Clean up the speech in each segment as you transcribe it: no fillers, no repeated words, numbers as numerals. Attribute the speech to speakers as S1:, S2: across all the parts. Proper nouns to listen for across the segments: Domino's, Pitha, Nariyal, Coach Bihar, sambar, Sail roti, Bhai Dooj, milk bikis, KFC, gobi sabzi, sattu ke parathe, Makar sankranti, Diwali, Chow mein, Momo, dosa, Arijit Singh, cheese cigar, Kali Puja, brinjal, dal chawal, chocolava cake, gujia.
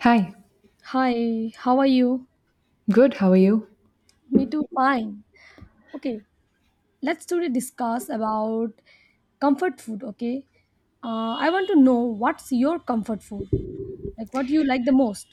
S1: Hi,
S2: Hi, how are you?
S1: good. How are you?
S2: Me too, fine. Okay, let's today discuss about comfort food, okay? I want to know what's your comfort food? Like what you like the most?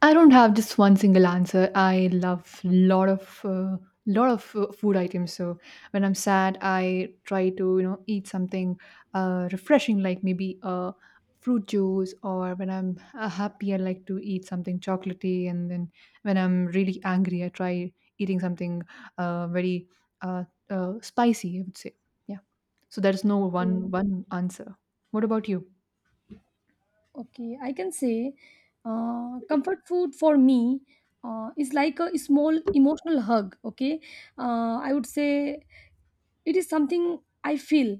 S1: I don't have just one single answer. I love lot of food items. So when I'm sad, I try to eat something refreshing, like maybe a fruit juice. Or when I'm happy, I like to eat something chocolatey. And then when I'm really angry, I try eating something very uh, spicy, I would say, yeah. So there is no
S2: So,
S1: one answer. What about you?
S2: okay, I can say comfort food for me is like a small emotional hug, okay? I would say it is something I feel,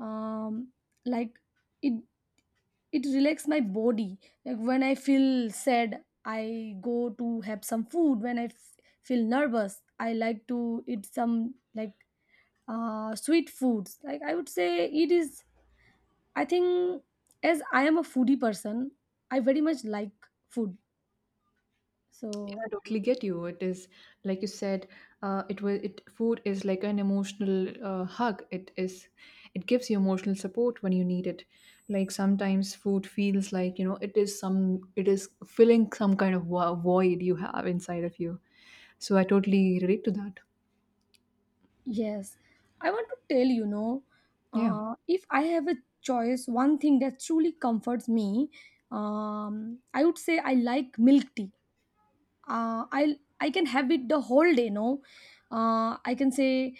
S2: um, like it it relax my body, like when I feel sad I go to have some food. When feel nervous I like to eat some, like, sweet foods. Like I would say it is, I think, as I am a foodie person, I very much like food,
S1: Yeah,
S2: so
S1: I totally get you. It is like you said, it was it food is like an emotional hug. It is, it gives you emotional support when you need it. Like sometimes food feels like it is some it is filling some kind of void you have inside of you. So I totally relate to that.
S2: yes, I want to tell you know,
S1: Yeah.
S2: if I have a choice, one thing that truly comforts me, I would say I like milk tea. I can have it the whole day. No, I can say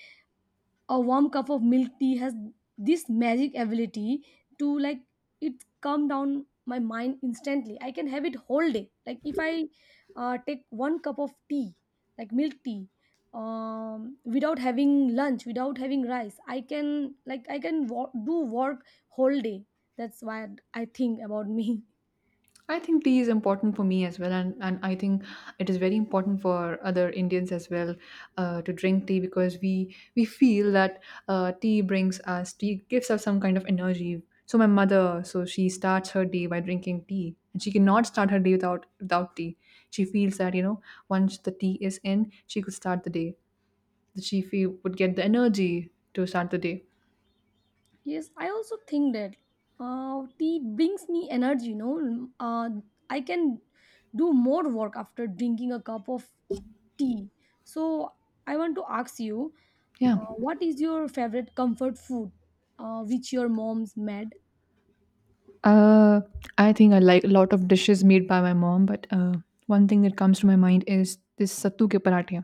S2: a warm cup of milk tea has this magic ability to, like, it calm down my mind instantly. I can have it whole day. Like if I take one cup of tea, like milk tea, without having lunch, without having rice, I can, like, I can do work whole day. That's why I think about me.
S1: I think tea is important for me as well, and I think it is very important for other Indians as well to drink tea because we feel that tea gives us some kind of energy. So my mother, so she starts her day by drinking tea, and she cannot start her day without tea. She feels that once the tea is in, she could start the day. That she feel, would get the energy to start the day.
S2: Yes, I also think that tea brings me energy. You know, I can do more work after drinking a cup of tea. So I want to ask you,
S1: Yeah.
S2: what is your favorite comfort food, which your mom's made?
S1: Uh, I think I like a lot of dishes made by my mom, but one thing that comes to my mind is this sattu ke parathe.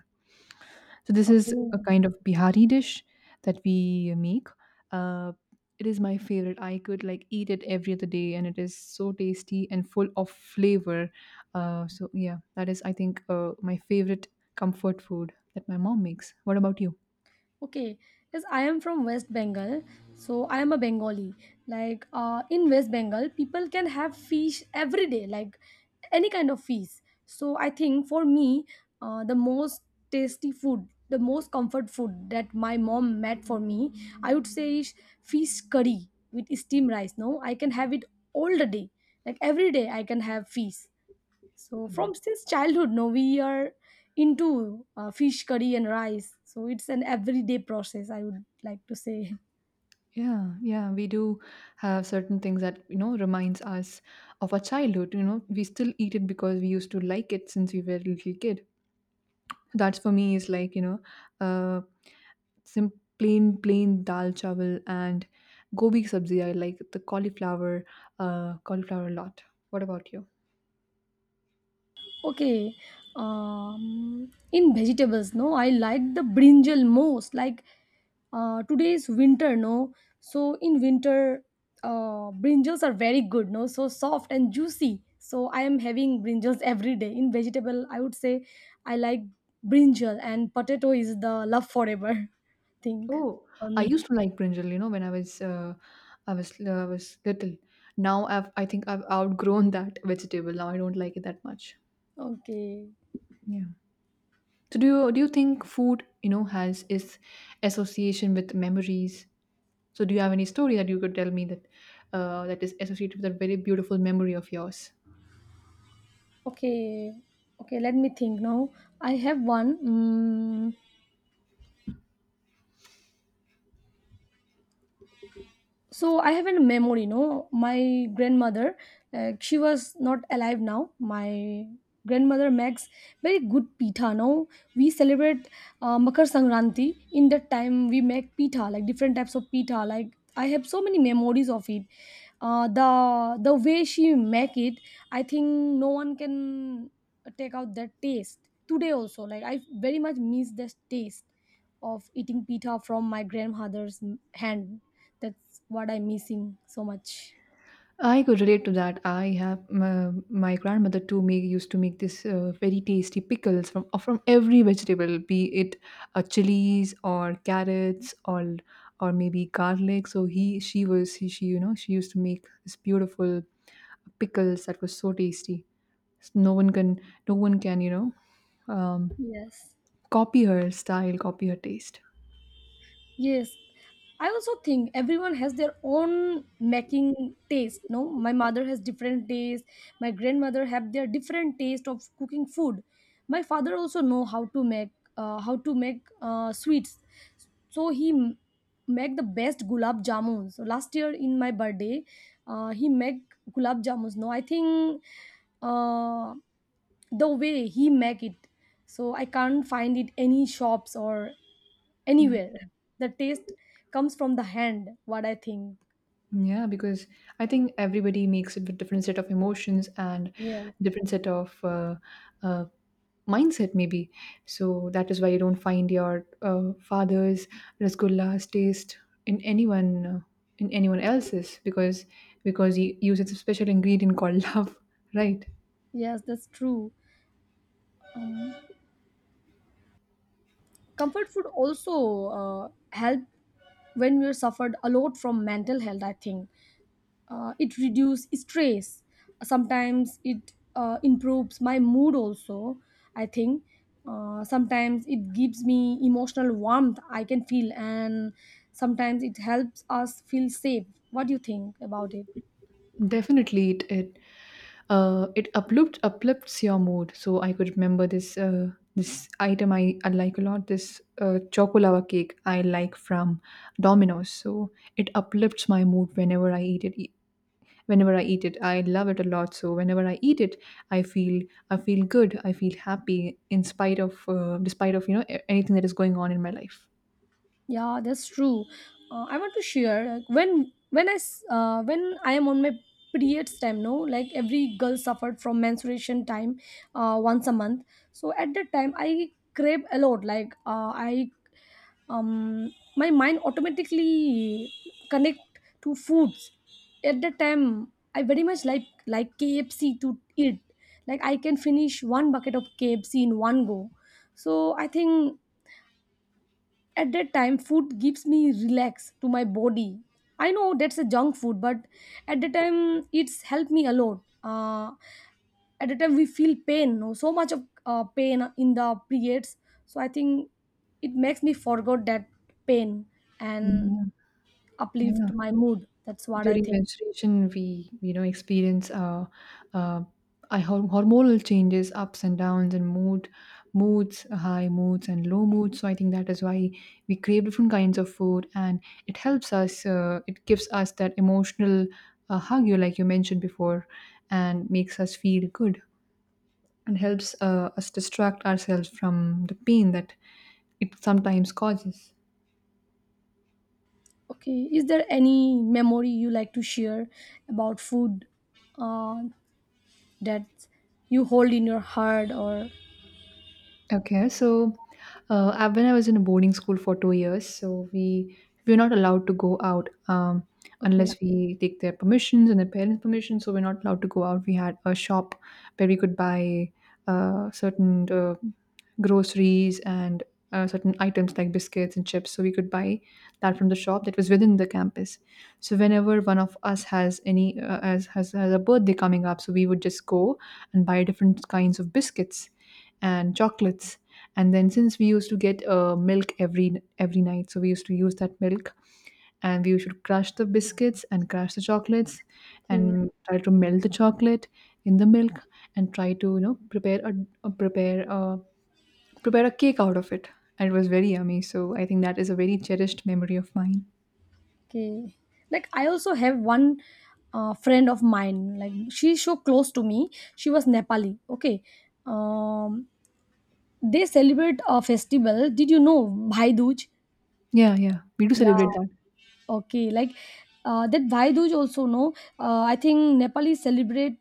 S1: So this is a
S2: Okay,
S1: kind of Bihari dish that we make. Uh, it is my favorite. I could like eat it every other day, and it is so tasty and full of flavor. So yeah, that is I think my favorite comfort food that my mom makes. What about you?
S2: okay, yes, I am from West Bengal, so I am a Bengali. Like, in West Bengal, people can have fish every day, like any kind of fish. So I think for me, the most tasty food, the most comfort food that my mom made for me, I would say is fish curry with steamed rice. No, I can have it all the day, like every day I can have fish. So from since childhood, no, we are into fish curry and rice. So it's an everyday process, I would like to say.
S1: Yeah, yeah, we do have certain things that, you know, reminds us of our childhood. You know, we still eat it because we used to like it since we were a little kid. That's for me is like, you know, uh, some plain dal chawal and gobi sabzi. I like the cauliflower, cauliflower a lot. What about you?
S2: Okay, in vegetables, no, I like the brinjal most. Like, today's winter, no. So in winter, brinjals are very good, no. So soft and juicy. So I am having brinjals every day. In vegetable, I would say I like brinjal, and potato is the love forever thing
S1: Oh,
S2: for
S1: I
S2: me.
S1: used to like brinjal, you know, when I was, I was little. Now I think I've outgrown that vegetable. Now I don't like it that much.
S2: Okay,
S1: Yeah. So do you think food, you know, has its association with memories? So do you have any story that you could tell me that that is associated with a very beautiful memory of yours?
S2: okay, okay. Let me think now. I have one. Mm, so I have a memory, you know, my grandmother, she was not alive now. My grandmother makes very good pitha, no, we celebrate Makar Sankranti. In that time we make pitha, like different types of pitha. Like I have so many memories of it. The way she make it, I think no one can take out that taste today also. Like I very much miss this taste of eating pita from my grandmother's hand. That's what I'm missing so much.
S1: I could relate to that. I have my grandmother too make used to make this very tasty pickles from every vegetable, be it chilies or carrots or maybe garlic. So he she was she you know she used to make this beautiful pickles that was so tasty. No one can no one can you know
S2: Yes.
S1: copy her style, copy her taste.
S2: Yes. I also think everyone has their own making taste. No, my mother has different taste. My grandmother have their different taste of cooking food. My father also know how to make, how to make, sweets. So make the best gulab jamun. So last year in my birthday, he make gulab jamuns. No, I think. Uh, the way he make it, so I can't find it any shops or anywhere. The taste comes from the hand, what I think.
S1: Yeah, because I think everybody makes it with different set of emotions and
S2: Yeah,
S1: different set of uh, mindset, maybe. So that is why you don't find your father's rasgulla's taste in anyone uh, in anyone else's because he uses a special ingredient called love, right?
S2: yes, that's true. Comfort food also help when we're suffered a lot from mental health, I think. It reduces stress, sometimes it improves my mood also, I think. Sometimes it gives me emotional warmth, I can feel, and sometimes it helps us feel safe. What do you think about it?
S1: Definitely, it uplifts your mood. So I could remember this this item I like a lot. This chocolava cake I like from Domino's. So it uplifts my mood whenever I eat it. Whenever I eat it, I love it a lot. So whenever I eat it, I feel I feel good. I feel happy in spite of despite of anything that is going on in my life.
S2: Yeah, that's true. I want to share, like, when when I am on my periods time. No, like every girl suffered from menstruation time once a month. So at that time, I crave a lot. Like, I, um my mind automatically connect to foods. At that time, I very much like KFC to eat. Like I can finish one bucket of KFC in one go. So I think at that time food gives me relax to my body. I know that's a junk food, but at the time it's helped me a lot. At the time we feel pain, no, so much of pain in the periods. So I think it makes me forget that pain, and
S1: Yeah,
S2: uplift
S1: yeah.
S2: my mood. That's what I
S1: During
S2: think.
S1: menstruation, we you know experience uh, hormonal changes, ups and downs, and moods, high moods and low moods. So I think that is why we crave different kinds of food, and it helps us, it gives us that emotional hug you like you mentioned before and makes us feel good and helps us distract ourselves from the pain that it sometimes causes.
S2: Okay, is there any memory you like to share about food, uh, that you hold in your heart, or
S1: Okay, so when I was in a boarding school for two years, so we were not allowed to go out,
S2: okay,
S1: unless we take their permissions and their parents' permission. So we're not allowed to go out. We had a shop where we could buy certain groceries and certain items like biscuits and chips. So we could buy that from the shop that was within the campus. So whenever one of us has any has a birthday coming up, so we would just go and buy different kinds of biscuits and chocolates. And then since we used to get milk every night, so we used to use that milk, and we used to crush the biscuits and crush the chocolates
S2: okay,
S1: and try to melt the chocolate in the milk and try to you know prepare a prepare a, prepare a cake out of it. And it was very yummy. So I think that is a very cherished memory of mine.
S2: okay. Like I also have one friend of mine. Like she's so close to me. She was Nepali. Okay. Um, they celebrate a festival. Did you know Bhai Dooj?
S1: Yeah, yeah, we do
S2: Yeah.
S1: celebrate that.
S2: Okay. Like, that Bhai Dooj also, no. I think Nepali celebrate,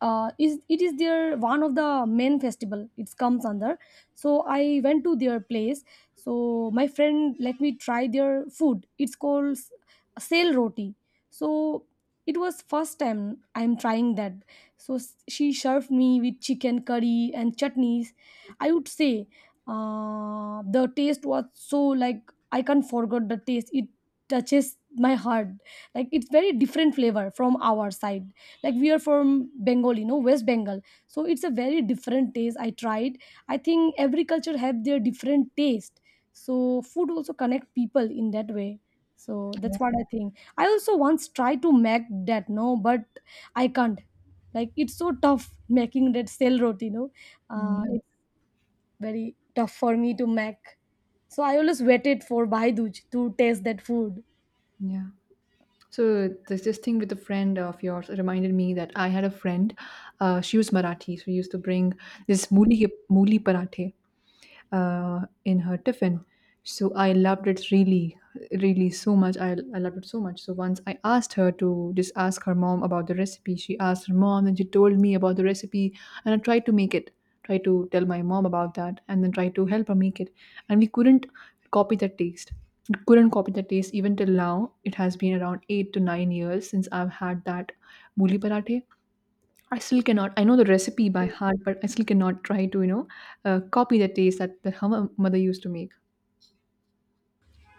S2: is it is their one of the main festival it comes under. So I went to their place. So my friend let me try their food. It's called sail roti. So it was first time I'm trying that. So she served me with chicken curry and chutneys. I would say the taste was so, like, I can't forget the taste. It touches my heart. Like it's very different flavor from our side. Like we are from Bengal, you know, West Bengal. So it's a very different taste I tried. I think every culture have their different taste. So food also connect people in that way. So that's
S1: Yeah,
S2: what I think. I also once tried to make that, no, but I can't. Like it's so tough making that sale roti, you know.
S1: mm,
S2: uh,
S1: yeah,
S2: it's very tough for me to make. So I always waited for Bhai Baiduj to taste that food.
S1: yeah. So this thing with a friend of yours reminded me that I had a friend. She was Marathi, so we used to bring this
S2: Mm.
S1: mooli parathe in her tiffin. So I loved it really so much. I loved it so much. So once I asked her to just ask her mom about the recipe. She asked her mom, and she told me about the recipe, and I tried to make it. Tried to tell my mom about that, and then tried to help her make it. And we couldn't copy that taste. We couldn't copy that taste even till now. It has been around eight to nine years since I've had that buli parathe. I still cannot. I know the recipe by heart, but I still cannot try to, you know, copy the taste that, that her mother used to make.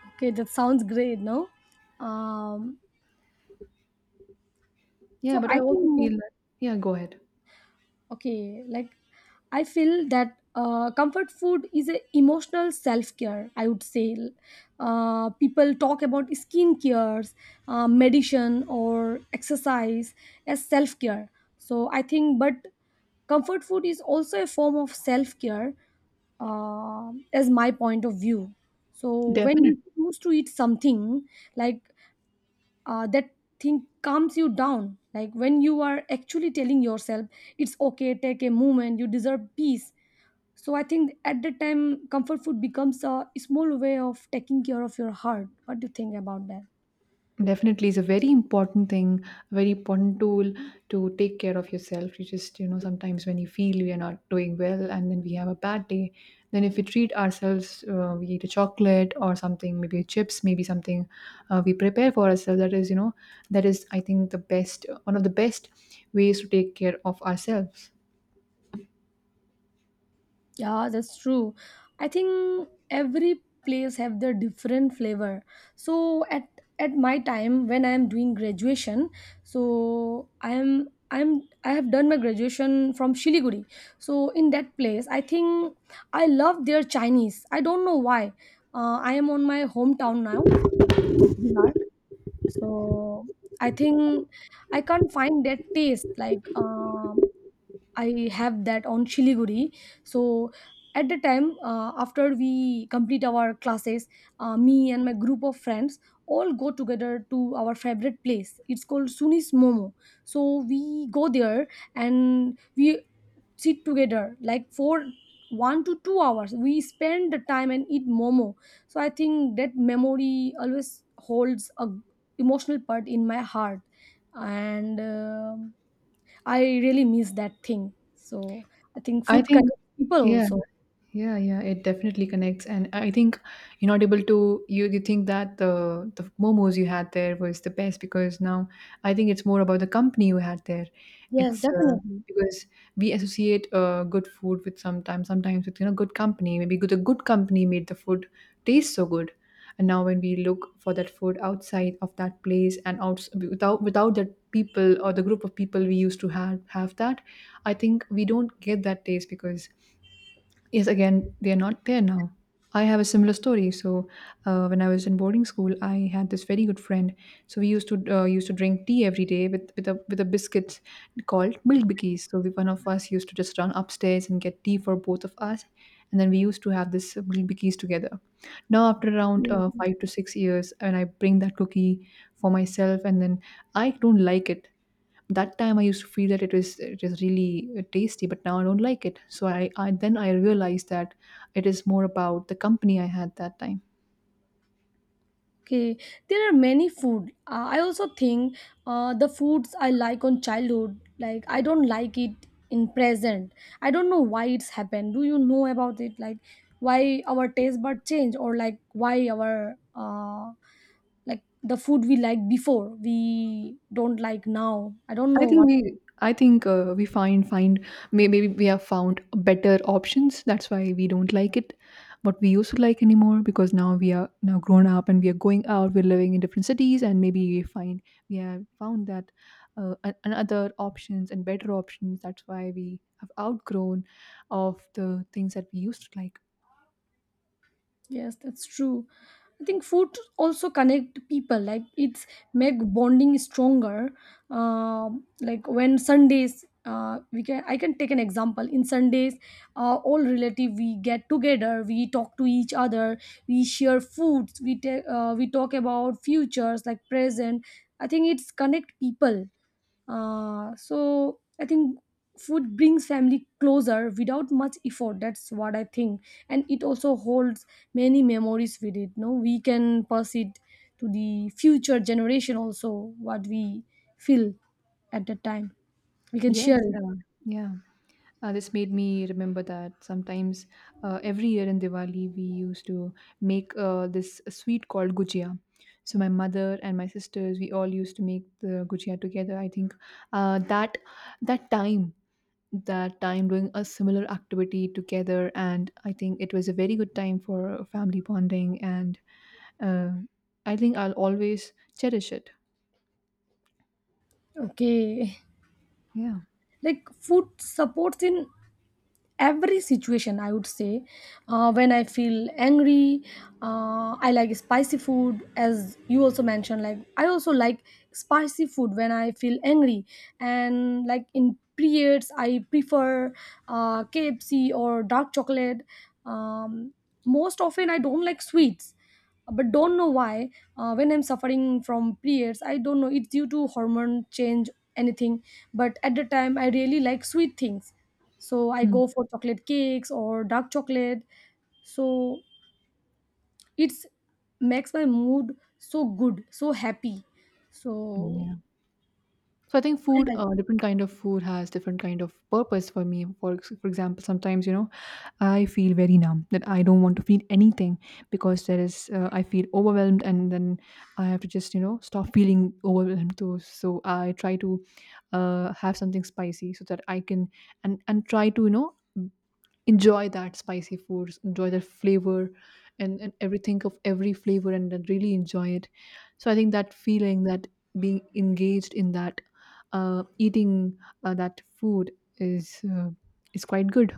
S2: Okay, that sounds great, no, um, so
S1: Yeah, but
S2: I
S1: I also feel
S2: think,
S1: that. Yeah, go ahead.
S2: okay, like, I feel that comfort food is a emotional self-care, I would say. People talk about skin cares, medicine or exercise as self-care. So I think, but comfort food is also a form of self-care, as my point of view. So when you
S1: Definitely.
S2: choose to eat something, like, that thing calms you down, like when you are actually telling yourself it's okay, take a moment, you deserve peace. So I think at that time comfort food becomes a small way of taking care of your heart. What do you think about that?
S1: Definitely, is a very important thing, a very important tool to take care of yourself. You just, you know, sometimes when you feel we are not doing well and then we have a bad day, then if we treat ourselves, we eat a chocolate or something, maybe chips, maybe something we prepare for ourselves. That is, you know, that is, I think, the best, one of the best ways to take care of ourselves.
S2: Yeah, that's true. I think every place have their different flavor. So at my time when I am doing graduation, so I'm I have done my graduation from Shiliguri. So in that place, I think I love their Chinese. I don't know why. I am on my hometown now, Coach Bihar. So I think I can't find that taste, like, I have that on Shiliguri. So at the time, after we complete our classes, me and my group of friends all go together to our favorite place. It's called Sunis Momo. So we go there and we sit together like for 1 to 2 hours. We spend the time and eat momo. So I think that memory always holds a emotional part in my heart and, I really miss that thing. So I think
S1: I
S2: food
S1: think,
S2: connects people
S1: yeah.
S2: also.
S1: Yeah, yeah, it definitely connects, and I think inaudible to you. You think that the momos you had there was the best because now I think it's more about the company you had there.
S2: Yes,
S1: It's
S2: definitely.
S1: because we associate good food with sometimes with you know good company. Maybe the good company made the food taste so good, and now when we look for that food outside of that place and out without that people or the group of people we used to have that, I think we don't get that taste because yes, again, they are not there now. I have a similar story. So, when I was in boarding school, I had this very good friend. So we used to drink tea every day with with a biscuit called milk bikis. So we, one of us used to just run upstairs and get tea for both of us, and then we used to have this milk bikis together. Now, after around
S2: Mm.
S1: five to six years, and I bring that cookie for myself, and then I don't like it. That time I used to feel that it is really tasty, but now I don't like it. So I then I realized that it is more about the company I had that time.
S2: Okay, there are many food. I also think the foods I like on childhood, like I don't like it in present. I don't know why it's happened. Do you know about it? Like why our taste bud change, or like why our, like the food we like before we don't like now. I don't
S1: I
S2: know
S1: think
S2: what.
S1: we I think we find find, maybe we have found better options. That's why we don't like it what we used to like anymore, because now we are now grown up, and we are going out, we're living in different cities, and maybe we have found that another options and better options. That's why we have outgrown of the things that we used to like.
S2: Yes, that's true. I think food also connect people. Like it's make bonding stronger. Like when Sundays, we can I can take an example. In Sundays, all relative we get together. We talk to each other. We share foods. We take we talk about futures like present. I think it's connect people. So I think food brings family closer without much effort. That's what I think, and it also holds many memories with it. No, we can pass it to the future generation also. What we feel at that time, we can
S1: Yes,
S2: share it.
S1: yeah. This made me remember that sometimes every year in Diwali we used to make this sweet called gujia. So my mother and my sisters, we all used to make the gujia together. I think uh, that that time, that time doing a similar activity together, and I think it was a very good time for family bonding, and uh, I think I'll always cherish it.
S2: Okay,
S1: Yeah.
S2: like food supports in every situation, I would say. When I feel angry, I like spicy food. As you also mentioned, like, I also like spicy food when I feel angry. And like in periods I prefer KFC or dark chocolate. um, Most often I don't like sweets, but don't know why. When I'm suffering from periods, I don't know, it's due to hormone change, anything, but at the time I really like sweet things, so I go for chocolate cakes or dark chocolate. So it's makes my mood so good, so happy. So
S1: Mm. So I think
S2: I
S1: food,
S2: like
S1: different kind of food has different kind of purpose for me. For example, sometimes I feel very numb that I don't want to feel anything because there is I feel overwhelmed, and then I have to just stop feeling overwhelmed too. So I try to have something spicy so that I can and try to enjoy that spicy foods, enjoy the flavor and everything of every flavor, and then really enjoy it. So I think that feeling, that being engaged in that eating that food is uh, is quite good.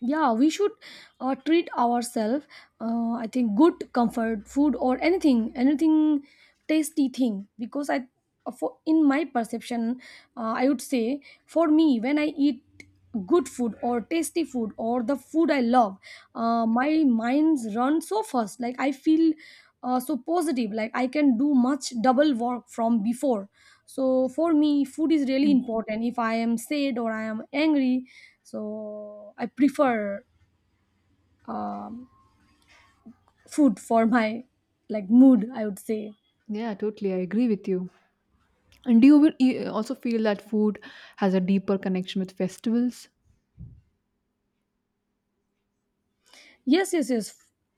S2: yeah, we should treat ourselves. I think good comfort food or anything tasty thing, because I, for, in my perception, I would say, for me, when I eat good food or tasty food or the food I love, my minds run so fast. Like I feel so positive, like I can do much double work from before. So for me food is really
S1: Mm.
S2: important if I am sad or I am angry, so I prefer um, food for my like mood, I would say.
S1: Yeah, totally, I agree with you. And do you also feel that food has a deeper connection with festivals?
S2: Yes, yes, yes,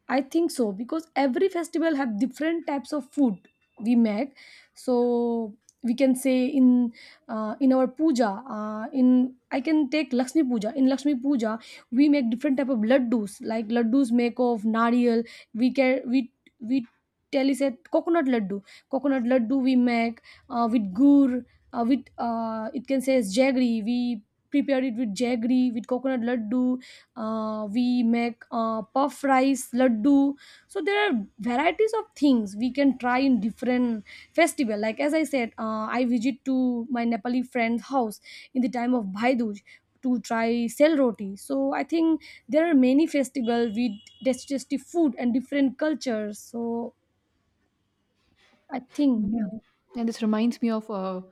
S2: I think so, because every festival have different types of food we make. So we can say in our puja, in, I can take Lakshmi puja. In Lakshmi puja, we make different type of laddus. Like laddus make of nariyal. We can we tell is a coconut laddu. Coconut laddu we make with gur. With it can say jaggery. We prepare it with jaggery with coconut laddu. We make puff rice laddu. So there are varieties of things we can try in different festival. Like as I said, I visit to my Nepali friend's house in the time of Bhai Dooj to try sell roti. So I think there are many festival with digestive food and different cultures, so I think
S1: Yeah,
S2: like,
S1: and this reminds me of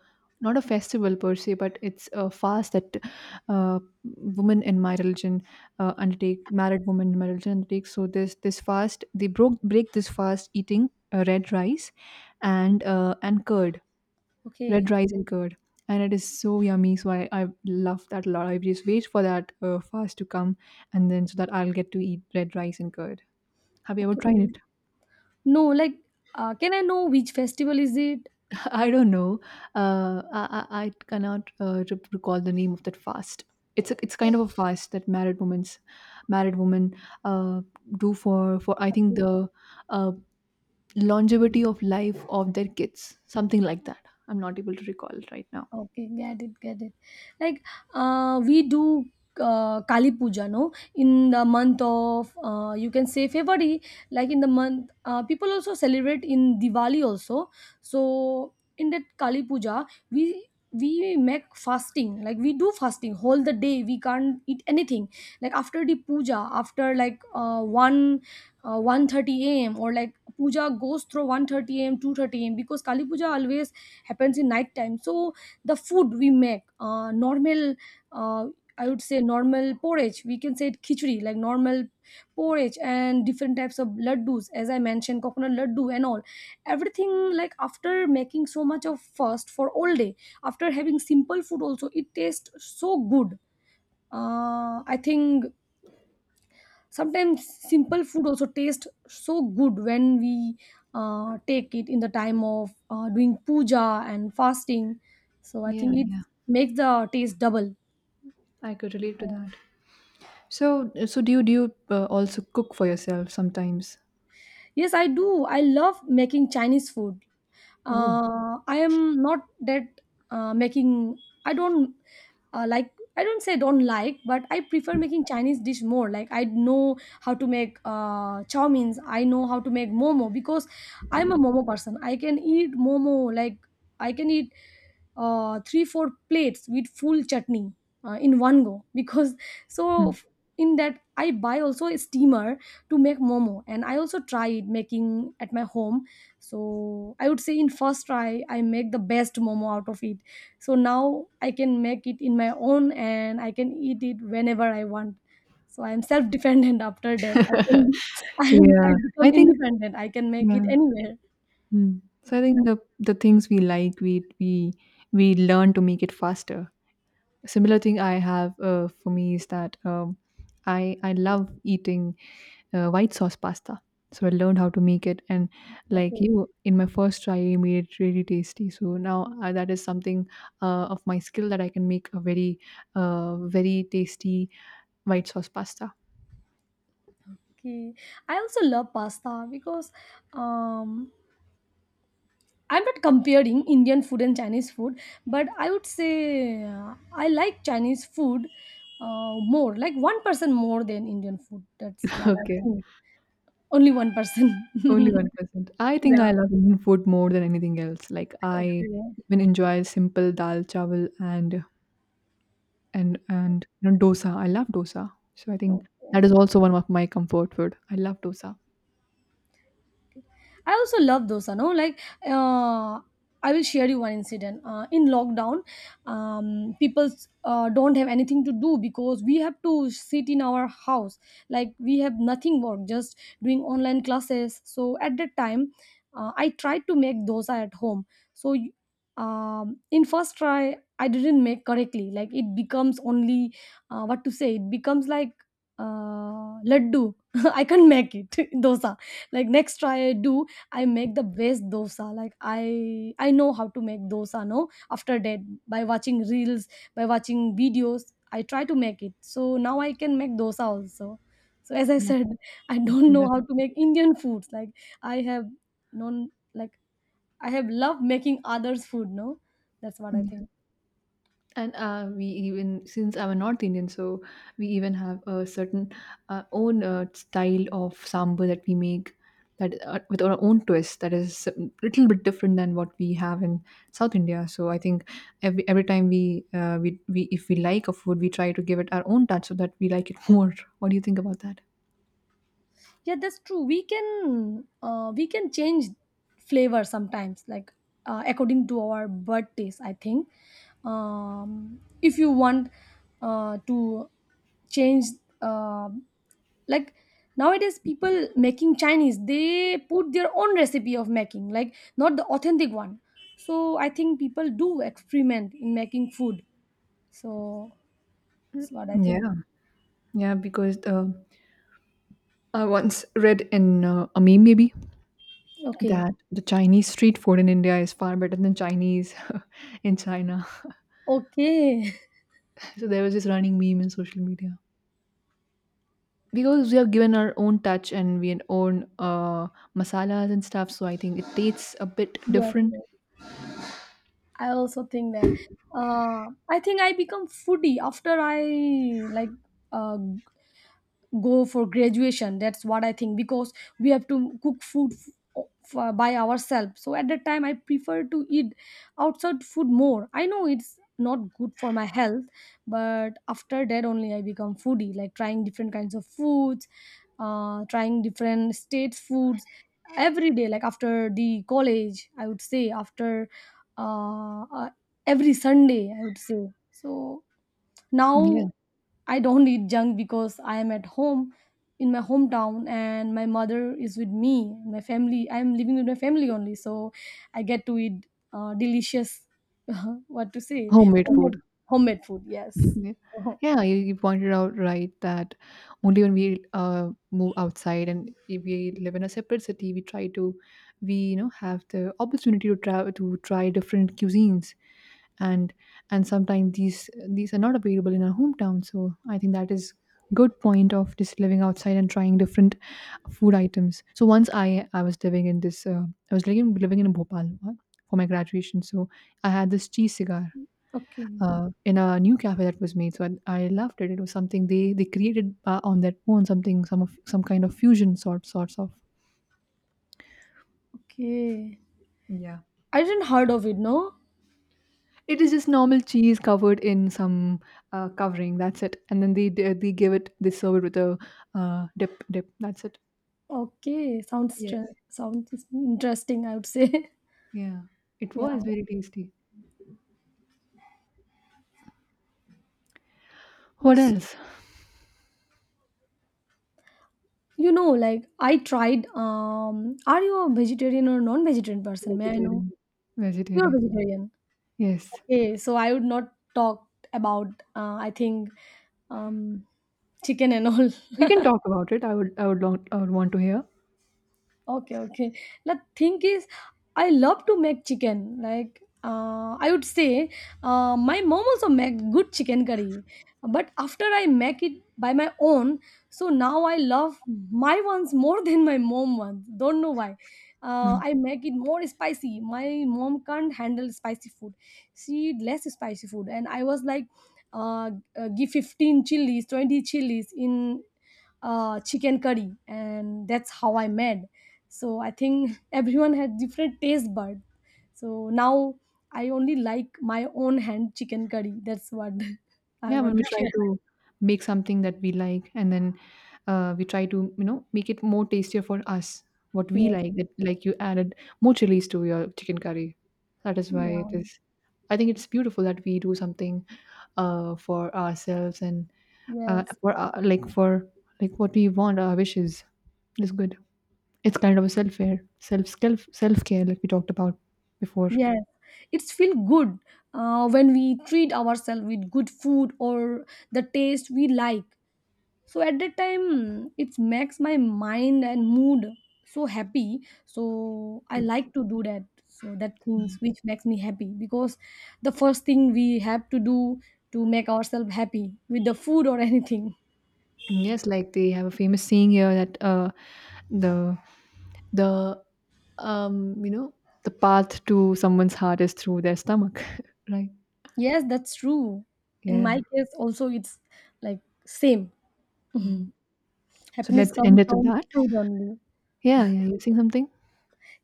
S1: not a festival per se, but it's a fast that women in my religion undertake, married women in my religion undertake. So this fast, they broke break this fast eating red rice and and curd, red
S2: okay.
S1: rice and curd, and it is so yummy. So I love that a lot. I just wait for that fast to come, and then so that I'll get to eat red rice and curd. Have you ever tried
S2: Okay,
S1: it?
S2: no, like, can I know which festival is it?
S1: I don't know. I cannot recall the name of that fast. It's kind of a fast that married women uh, do for I think
S2: Okay.
S1: the uh, longevity of life of their kids, something like that. I'm not able to recall it right now.
S2: Okay, get it, get it. Like, we do Kali Puja, no? In the month of, you can say February, like in the month, people also celebrate in Diwali also. So in that Kali Puja, we we make fasting. Like we do fasting whole the day, we can't eat anything. Like after the puja, after like 1 1:30 a.m., or like puja goes through 1:30 a.m., 2:30 a.m., because Kali Puja always happens in night time. So the food we make, normal, uh, I would say normal porridge, we can say it khichdi, like normal porridge and different types of laddus, as I mentioned, coconut laddu and all everything. Like after making so much of fast for all day, after having simple food also, it tastes so good. I think sometimes simple food also tastes so good when we take it in the time of doing puja and fasting, so I
S1: Yeah,
S2: think it
S1: yeah,
S2: makes the taste double.
S1: I could relate to that. So so do you also cook for yourself sometimes?
S2: Yes, I do. I love making Chinese food.
S1: Oh,
S2: I am not that making, I don't like, I don't say don't like, but I prefer making Chinese dish more. Like I know how to make chow means, I know how to make momo, because I'm a momo person. I can eat momo, like I can eat 3 4 plates with full chutney in one go because so
S1: hmm.
S2: f- in that I buy also a steamer to make momo, and I also tried making at my home. So I would say in first try I make the best momo out of it. So now I can make it in my own and I can eat it whenever I want. So I am self dependent after that. I can I
S1: Yeah. I
S2: become
S1: think
S2: independent. I can make it
S1: yeah.
S2: anywhere.
S1: Mm. So I think the things we like, we learn to make it faster. Similar thing I have for me is that I love eating white sauce pasta. So I learned how to make it, and like
S2: Okay.
S1: you, in my first try, I made it really tasty. So now that is something of my skill that I can make a very, very tasty white sauce pasta.
S2: Okay. I also love pasta because um, I'm not comparing Indian food and Chinese food, but I would say I like Chinese food more, like 1% more than Indian food. That's what I
S1: Okay.
S2: think. Only 1%.
S1: Only
S2: Yeah.
S1: 1%. I think I love Indian food more than anything else. Like I
S2: Okay.
S1: even enjoy simple dal chawal and and dosa. I love dosa. So I think
S2: Okay.
S1: that is also one of my comfort food. I love dosa.
S2: I also love dosa. No, like, uh, I will share you one incident. In lockdown, people don't have anything to do, because we have to sit in our house. Like we have nothing work, just doing online classes. So at that time, I tried to make dosa at home. So in first try, I didn't make correctly. Like it becomes only, what to say, it becomes like laddu. I can't make it dosa. Like next try I do, I make the best dosa. Like I know how to make dosa, no? After that, by watching reels, by watching videos, I try to make it. So now I can make dosa also. So as I
S1: That's
S2: said, I don't know
S1: that's
S2: how to make Indian foods. Like I have known, like I have loved making others food, no? That's what I
S1: good.
S2: think.
S1: And we even, since I'm a north Indian, so we even have a certain own style of sambar that we make, that with our own twist, that is a little bit different than what we have in south India. So I think every time we we, if we like a food, we try to give it our own touch so that we like it more. What do you think about that?
S2: Yeah, that's true, we can change flavor sometimes, like according to our bird taste, I think. If you want to change, uh, like nowadays people making Chinese, they put their own recipe of making, like not the authentic one. So I think people do experiment in making food, so that's what I think.
S1: Yeah, yeah, because I once read in a meme, maybe,
S2: Okay.
S1: that the Chinese street food in India is far better than Chinese in China.
S2: Okay.
S1: So there was this running meme in social media because we have given our own touch and we had own masalas and stuff. So I think it tastes a bit
S2: Yes,
S1: different.
S2: yes, I also think that. I think I become foodie after I like uh, go for graduation. That's what I think, because we have to cook food by ourselves. So at that time, I prefer to eat outside food more. I know it's not good for my health, but after that only I become foodie, like trying different kinds of foods, trying different states foods every day. Like after the college, I would say, after uh, uh, every Sunday, I would say. So now
S1: Yeah,
S2: I don't eat junk because I am at home in my hometown, and my mother is with me, my family. I am living with my family only, so I get to eat delicious what to say,
S1: homemade
S2: homemade,
S1: food.
S2: homemade food, yes. Oh,
S1: Yeah, yeah, you pointed out right that only when we move outside and if we live in a separate city, we try to, we have the opportunity to travel to try different cuisines, and and sometimes these are not available in our hometown. So I think that is good point of just living outside and trying different food items. So once I was living in this I was living living in Bhopal for my graduation, so I had this cheese cigar
S2: okay.
S1: in a new cafe that was made. So I loved it. It was something they created on their own, something some kind of fusion sorts of.
S2: Okay,
S1: Yeah.
S2: I didn't heard of it, no?
S1: It is just normal cheese covered in some covering. That's it. And then they give it they serve it with a dip. That's it.
S2: Okay, sounds stre-
S1: Yes.
S2: sounds interesting, I would say.
S1: Yeah, it
S2: Yeah.
S1: was very tasty. What
S2: S-
S1: else?
S2: You know, like I tried, um, are you a vegetarian or non-vegetarian person? May I know?
S1: Vegetarian.
S2: You're
S1: Vegetarian.
S2: vegetarian.
S1: Yes,
S2: Okay, so I would not talk about I think um chicken and all.
S1: you can talk about it. I would long, I would want to hear.
S2: Okay, okay. The thing is, I love to make chicken. Like, I would say, my mom also make good chicken curry. But after I make it by my own, so now I love my ones more than my mom ones. Don't know why.
S1: Hmm.
S2: I make it more spicy. My mom can't handle spicy food. She eat less spicy food, and I was like, uh, give 15 chilies, 20 chilies in chicken curry, and that's how I made. So I think everyone had different taste bud, so now I only like my own hand chicken curry, that's what I
S1: Yeah,
S2: want
S1: when we
S2: to
S1: try
S2: share.
S1: to make something that we like, and then we try to make it more tastier for us, what we
S2: Yes.
S1: like, that like you added more chilies to your chicken curry. That is why it
S2: Yeah.
S1: is, I think it's beautiful that we do something for ourselves and
S2: Yes,
S1: for like for like what we want, our wishes. It's good, it's kind of a self-care, self-care, like we talked about before.
S2: yes, it's feel good when we treat ourselves with good food or the taste we like, so at that time it makes my mind and mood so happy. So I like to do that, so that things which makes me happy, because the first thing we have to do to make ourselves happy with the food or anything.
S1: Yes, like they have a famous saying here that the the you know, the path to someone's heart is through their stomach, right?
S2: Yes, that's true, in my
S1: Yeah.
S2: case also it's like same,
S1: Mm. So
S2: happiness
S1: let's
S2: comes
S1: end it with
S2: from
S1: that.
S2: food only.
S1: Yeah, yeah. You saying something?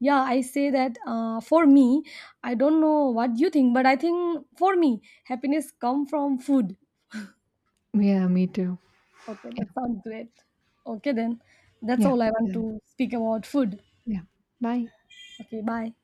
S2: Yeah, I say that, for me, I don't know what you think, but I think for me happiness come from food.
S1: Yeah, me too.
S2: Okay, that
S1: Yeah,
S2: sounds great. Okay, then that's
S1: yeah.
S2: all I
S1: Okay
S2: want
S1: then.
S2: to speak about food.
S1: Yeah. Bye.
S2: Okay, bye.